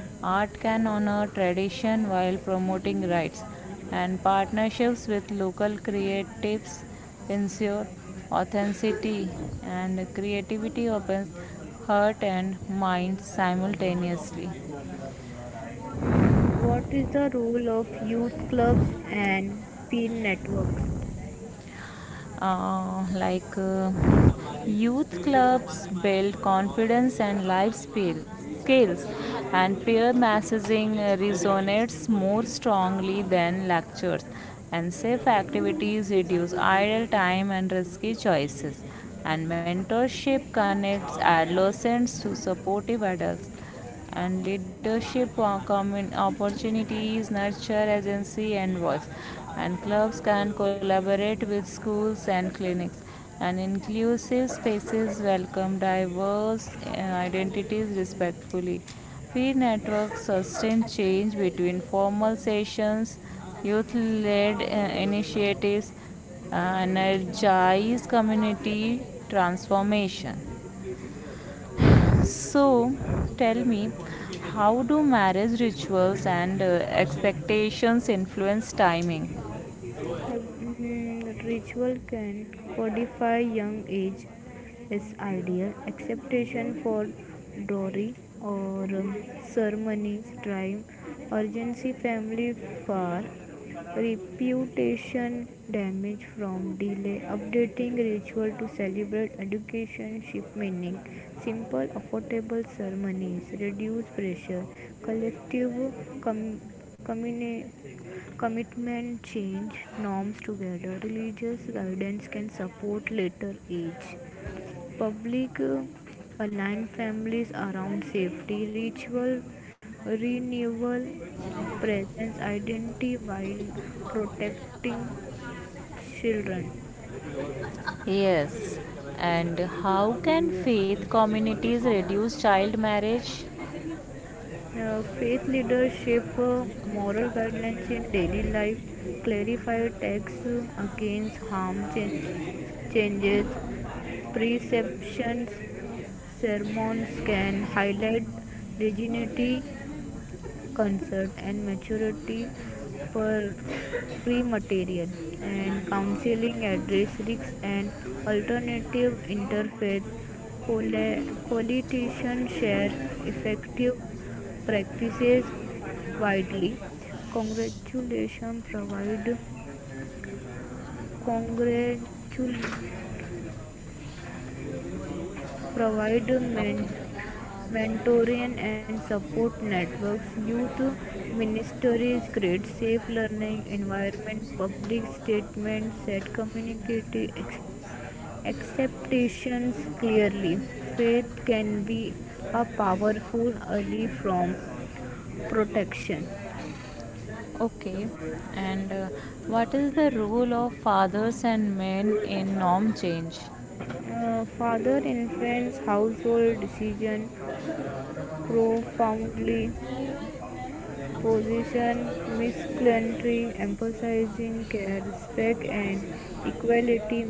Speaker 2: Art can honor tradition while promoting rights, and partnerships with local creatives ensure authenticity and creativity opens heart and mind simultaneously.
Speaker 1: you are right. What is the role of youth clubs and peer networks?
Speaker 2: uh, like uh, Youth clubs build confidence and skills and peer messaging resonates more strongly than lectures and safe activities reduce idle time and risky choices and mentorship connects adolescents to supportive adults and leadership opportunities nurture agency and voice and clubs can collaborate with schools and clinics and inclusive spaces welcome diverse identities respectfully peer networks sustain change between formal sessions youth-led initiatives energize community transformation so, tell me, how do marriage rituals and expectations influence timing?
Speaker 1: Mhm, Ritual can codify young age as ideal acceptation for dowry or ceremonies, crime, urgency, family far, reputation damage from delay, updating ritual to celebrate education, ship meaning, simple, affordable ceremonies, reduce pressure, collective com- communi- commitment, change, norms together. Religious guidance can support later age. Public align families around safety, ritual, renewal, presence, identity while protecting children.
Speaker 2: Yes. And how can faith communities reduce child marriage?
Speaker 1: Faith leadership moral guidelines in daily life, clarify texts against harm change, changes, perceptions. Sermons can highlight dignity, concern, and maturity per free material and counseling address risks and alternative interfaith politicians share effective practices widely. Congratulations provide Congratulations provide
Speaker 2: Okay.
Speaker 1: mentoring and support networks, youth ministries, create safe learning environment, public statements set community expectations clearly. Faith can be a powerful ally from protection.
Speaker 2: Okay, and what is the role of fathers and men in norm change?
Speaker 1: Father influence household decision profoundly position, Miss Clinton emphasizing care, respect, and equality.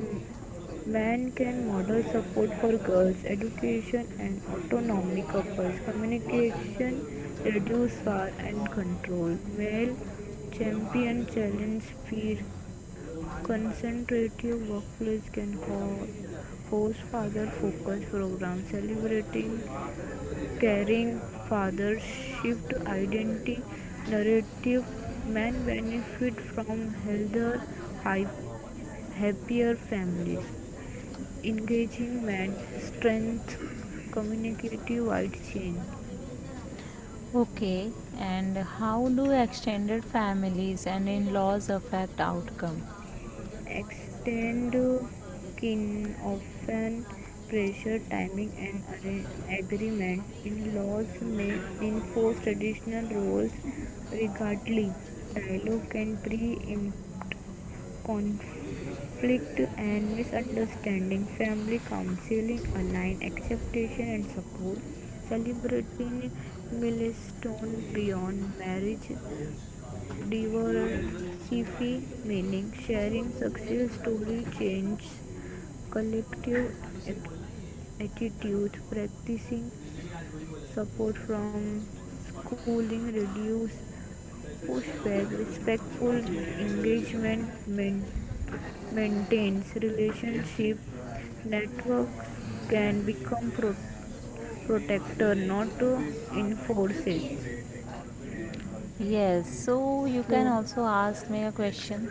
Speaker 1: Men can model support for girls, education, and autonomy couples, communication, reduce war and control. Male champion challenge fear, concentrative workplace can hold host father focus program celebrating caring fathers shift identity narrative. Men benefit from healthier hi- happier families engaging men strength communicative wide chain
Speaker 2: Okay, and how do extended families and in laws affect outcome?
Speaker 1: extend kin often pressure timing and agreement in laws may enforce traditional roles regardless. Dialogue can pre conflict and misunderstanding, family counseling, align acceptation and support, celebrating milestone beyond marriage, diversify meaning, sharing success story, change, collective attitude, practicing support from schooling, reduce pushback, respectful engagement, mentor maintains relationship networks can become protector not enforces.
Speaker 2: Yes, so you can
Speaker 1: So
Speaker 2: also ask me a question.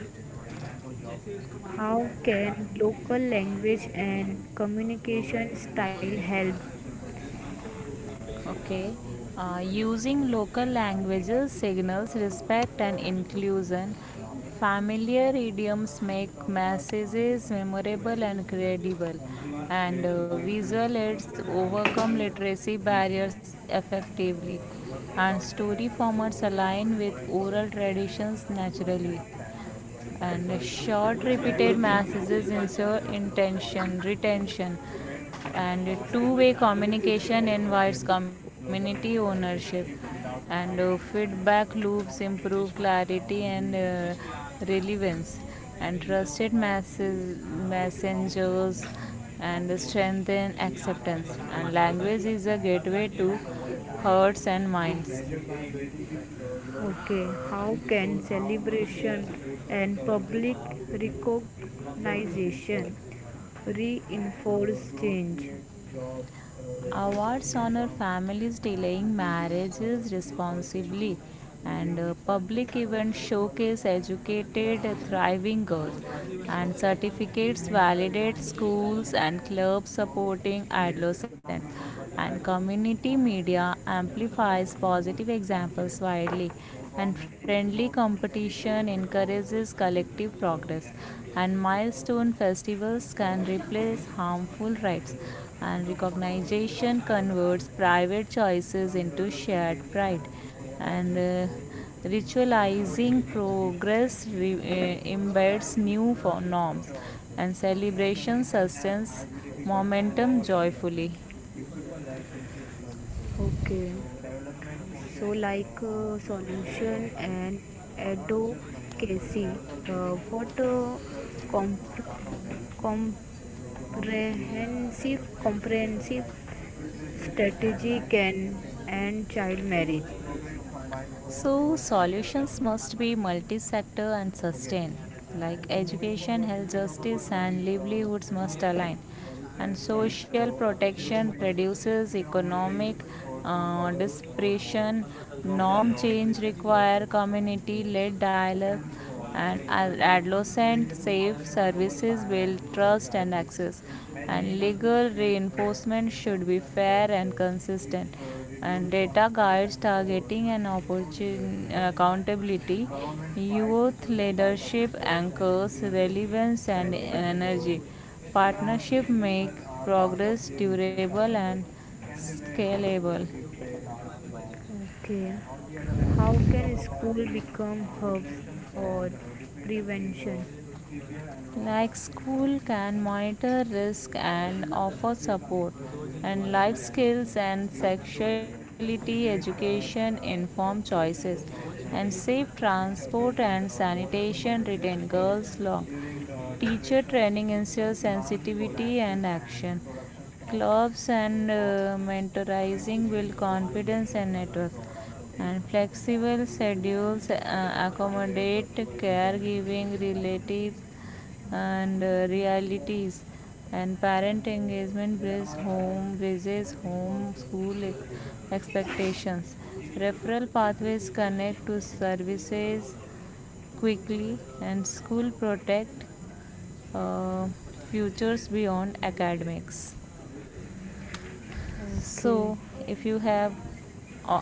Speaker 1: how can local language and communication style help?
Speaker 2: Okay. Using local languages signals respect and inclusion. Familiar idioms make messages memorable and credible,
Speaker 1: Continuous trade
Speaker 2: and
Speaker 1: to go boost
Speaker 2: visual aids
Speaker 1: both around
Speaker 2: overcome
Speaker 1: reduce these
Speaker 2: literacy
Speaker 1: demands.
Speaker 2: barriers
Speaker 1: And
Speaker 2: effectively.
Speaker 1: trade also
Speaker 2: And
Speaker 1: has
Speaker 2: story
Speaker 1: on
Speaker 2: formats
Speaker 1: foreign
Speaker 2: align with
Speaker 1: currency
Speaker 2: oral
Speaker 1: and
Speaker 2: traditions
Speaker 1: improved living
Speaker 2: naturally
Speaker 1: standards. For example,
Speaker 2: and
Speaker 1: India
Speaker 2: short
Speaker 1: exports
Speaker 2: repeated
Speaker 1: now the
Speaker 2: messages
Speaker 1: trade
Speaker 2: ensure
Speaker 1: of oil.
Speaker 2: intention retention
Speaker 1: Trade promotes jobs
Speaker 2: and
Speaker 1: and
Speaker 2: two-way
Speaker 1: goods. It
Speaker 2: communication
Speaker 1: also brings
Speaker 2: invites community
Speaker 1: global
Speaker 2: ownership
Speaker 1: relationship without
Speaker 2: and
Speaker 1: trade and
Speaker 2: feedback loops
Speaker 1: economic
Speaker 2: improve clarity
Speaker 1: would be
Speaker 2: and
Speaker 1: weaker. And
Speaker 2: relevance and
Speaker 1: if we talk
Speaker 2: trusted
Speaker 1: about the
Speaker 2: masses,
Speaker 1: economic growth
Speaker 2: messengers
Speaker 1: and
Speaker 2: and
Speaker 1: economic growth means and
Speaker 2: strengthen
Speaker 1: creating
Speaker 2: acceptance
Speaker 1: controlled
Speaker 2: and language
Speaker 1: production
Speaker 2: is a gateway
Speaker 1: and
Speaker 2: to
Speaker 1: income over a time.
Speaker 2: hearts and
Speaker 1: It is
Speaker 2: minds.
Speaker 1: measured by GDP growth. Okay, how and can shows how celebration growth and public are recognition reinforce change. Job, raises
Speaker 2: Awards honor
Speaker 1: income,
Speaker 2: families delaying
Speaker 1: improving,
Speaker 2: marriages
Speaker 1: it is also
Speaker 2: responsibly,
Speaker 1: improve
Speaker 2: and
Speaker 1: living standards.
Speaker 2: public
Speaker 1: For
Speaker 2: events
Speaker 1: example,
Speaker 2: showcase
Speaker 1: we are
Speaker 2: educated,
Speaker 1: growing
Speaker 2: thriving girls,
Speaker 1: growth by
Speaker 2: and
Speaker 1: 6%. It
Speaker 2: certificates validate
Speaker 1: the economic
Speaker 2: schools
Speaker 1: spending
Speaker 2: and clubs
Speaker 1: and growth
Speaker 2: supporting
Speaker 1: creates
Speaker 2: adolescents.
Speaker 1: economic growth
Speaker 2: And
Speaker 1: attracts
Speaker 2: community
Speaker 1: foreign
Speaker 2: media
Speaker 1: investments
Speaker 2: amplifies
Speaker 1: and
Speaker 2: positive
Speaker 1: boosts
Speaker 2: examples
Speaker 1: confidence.
Speaker 2: widely,
Speaker 1: The
Speaker 2: and
Speaker 1: government
Speaker 2: friendly
Speaker 1: aims for steady
Speaker 2: competition
Speaker 1: growth because
Speaker 2: encourages
Speaker 1: it
Speaker 2: collective
Speaker 1: reduces poverty
Speaker 2: progress.
Speaker 1: and
Speaker 2: And
Speaker 1: it also
Speaker 2: milestone
Speaker 1: as
Speaker 2: festivals can
Speaker 1: the
Speaker 2: replace
Speaker 1: model.
Speaker 2: harmful
Speaker 1: And
Speaker 2: rites
Speaker 1: if
Speaker 2: and
Speaker 1: we talk about what is
Speaker 2: recognition
Speaker 1: economic
Speaker 2: converts
Speaker 1: development, then
Speaker 2: private choices
Speaker 1: economic
Speaker 2: into
Speaker 1: development
Speaker 2: shared
Speaker 1: is
Speaker 2: pride
Speaker 1: more than just
Speaker 2: and uh,
Speaker 1: growth. It means improving
Speaker 2: ritualizing
Speaker 1: living conditions,
Speaker 2: progress re-
Speaker 1: education, and
Speaker 2: uh, embeds new
Speaker 1: infrastructure
Speaker 2: norms
Speaker 1: also.
Speaker 2: and
Speaker 1: A country
Speaker 2: celebration
Speaker 1: can have high
Speaker 2: sustains
Speaker 1: GDP but poor
Speaker 2: momentum
Speaker 1: development
Speaker 2: joyfully.
Speaker 1: if people lack basic services. Okay. So development project, so like solution and advocacy, what compre- comprehensive strategy can end child marriage. Progress combines both
Speaker 2: So,
Speaker 1: growth and
Speaker 2: solutions
Speaker 1: development.
Speaker 2: must be multi sector and
Speaker 1: Okay.
Speaker 2: sustained, like
Speaker 1: And moving
Speaker 2: education,
Speaker 1: forward, if
Speaker 2: health,
Speaker 1: we talk about
Speaker 2: justice,
Speaker 1: what
Speaker 2: and
Speaker 1: is
Speaker 2: livelihoods must align.
Speaker 1: the
Speaker 2: And
Speaker 1: recession,
Speaker 2: social
Speaker 1: so a
Speaker 2: protection
Speaker 1: recession means
Speaker 2: reduces
Speaker 1: economy
Speaker 2: economic
Speaker 1: shrinks for two quarters or more,
Speaker 2: dispersion.
Speaker 1: jobs
Speaker 2: Norm
Speaker 1: are lost,
Speaker 2: change
Speaker 1: business
Speaker 2: require
Speaker 1: closes,
Speaker 2: community led dialogue
Speaker 1: spending falls.
Speaker 2: and
Speaker 1: For example, during
Speaker 2: adolescent
Speaker 1: the
Speaker 2: safe
Speaker 1: 2008 global
Speaker 2: services build
Speaker 1: financial
Speaker 2: trust and
Speaker 1: crisis,
Speaker 2: access
Speaker 1: many
Speaker 2: and
Speaker 1: countries
Speaker 2: legal
Speaker 1: faced
Speaker 2: reinforcement should be
Speaker 1: recession,
Speaker 2: fair
Speaker 1: but
Speaker 2: and
Speaker 1: uh, it
Speaker 2: consistent
Speaker 1: uh,
Speaker 2: and
Speaker 1: reduced
Speaker 2: data
Speaker 1: confidence and
Speaker 2: guides
Speaker 1: uh,
Speaker 2: targeting and
Speaker 1: slowed
Speaker 2: opportun-
Speaker 1: investment.
Speaker 2: accountability
Speaker 1: And government fight
Speaker 2: youth
Speaker 1: recently by public
Speaker 2: leadership
Speaker 1: health and
Speaker 2: anchors
Speaker 1: increasing
Speaker 2: relevance and
Speaker 1: spending. So,
Speaker 2: energy
Speaker 1: you know,
Speaker 2: partnership make
Speaker 1: restrictions are part of
Speaker 2: progress
Speaker 1: the business
Speaker 2: durable
Speaker 1: cycle,
Speaker 2: and
Speaker 1: but can be very
Speaker 2: scalable
Speaker 1: harmful if they last long. Okay. Hand, how can school become hubs depression for prevention?
Speaker 2: like school
Speaker 1: uh,
Speaker 2: can monitor risk
Speaker 1: Massive
Speaker 2: and offer support
Speaker 1: unemployment
Speaker 2: and
Speaker 1: poverty
Speaker 2: life
Speaker 1: and
Speaker 2: skills and
Speaker 1: business failure.
Speaker 2: sexuality
Speaker 1: The great
Speaker 2: education inform
Speaker 1: of the
Speaker 2: choices and safe transport
Speaker 1: 1930s in
Speaker 2: and
Speaker 1: the most
Speaker 2: sanitation
Speaker 1: famous
Speaker 2: retain
Speaker 1: example.
Speaker 2: girls long
Speaker 1: During
Speaker 2: teacher
Speaker 1: depression
Speaker 2: training ensures
Speaker 1: demand
Speaker 2: sensitivity
Speaker 1: collapses
Speaker 2: and
Speaker 1: and
Speaker 2: action
Speaker 1: production stops.
Speaker 2: clubs
Speaker 1: So
Speaker 2: and
Speaker 1: governments need strong
Speaker 2: mentorizing build
Speaker 1: measures to
Speaker 2: confidence
Speaker 1: recover,
Speaker 2: and
Speaker 1: like
Speaker 2: network
Speaker 1: public spending
Speaker 2: and
Speaker 1: programs
Speaker 2: flexible
Speaker 1: and
Speaker 2: schedules
Speaker 1: depressions are rare but
Speaker 2: accommodate
Speaker 1: very damaging to
Speaker 2: caregiving
Speaker 1: society.
Speaker 2: relatives and
Speaker 1: You know,
Speaker 2: realities and
Speaker 1: and
Speaker 2: parent engagement
Speaker 1: there are other other
Speaker 2: bridges
Speaker 1: things
Speaker 2: home school
Speaker 1: also.
Speaker 2: expectations referral pathways connect to services quickly and school protect uh, futures beyond academics
Speaker 1: Okay.
Speaker 2: so if you have uh,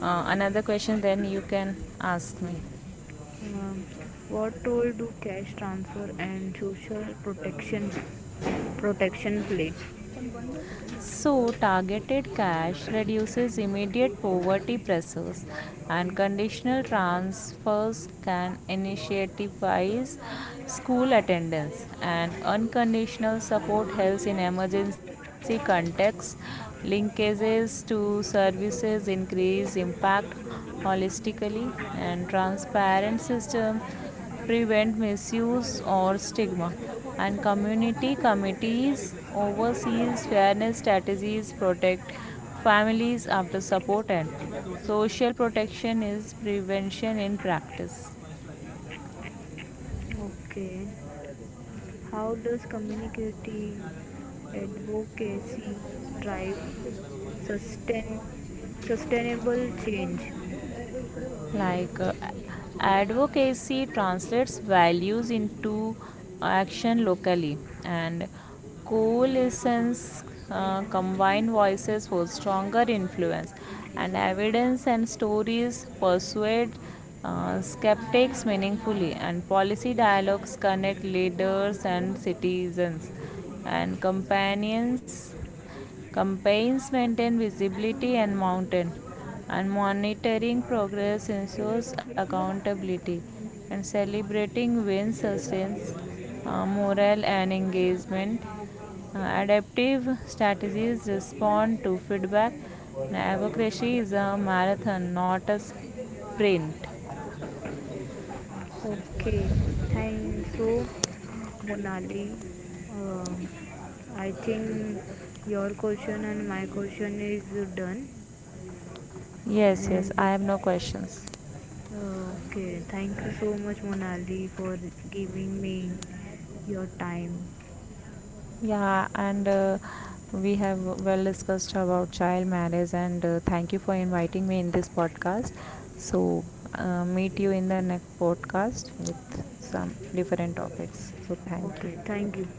Speaker 2: another question then you can ask me.
Speaker 1: Um, what role do cash transfer and social protection play?
Speaker 2: So, targeted cash reduces immediate poverty pressures, and conditional transfers can incentivize school attendance, and unconditional support helps in emergency contexts. Linkages to services increase impact holistically, and transparent systems prevent misuse or stigma and community committees oversees fairness strategies protect families after support and social protection is prevention in practice.
Speaker 1: Okay. How does community advocacy drive sustain sustainable change?
Speaker 2: like uh, Advocacy translates values into action locally and coalitions combine voices for stronger influence and evidence and stories persuade skeptics meaningfully and policy dialogues connect leaders and citizens and companions campaigns maintain visibility and mountain, and monitoring progress ensures accountability. And celebrating wins sustains morale and engagement. Adaptive strategies respond to feedback. Advocacy is a marathon, not a sprint.
Speaker 1: Okay, thank so Monali. Um, I think your question and my question is done.
Speaker 2: Yes, yes,
Speaker 1: And
Speaker 2: I have no questions.
Speaker 1: uh, okay, thank you so much, Monali, for giving me your time.
Speaker 2: Yeah, and we have well discussed about child marriage, and thank you for inviting me in this podcast. So, meet you in the next podcast with some different topics. So, thank you.
Speaker 1: Okay, thank you.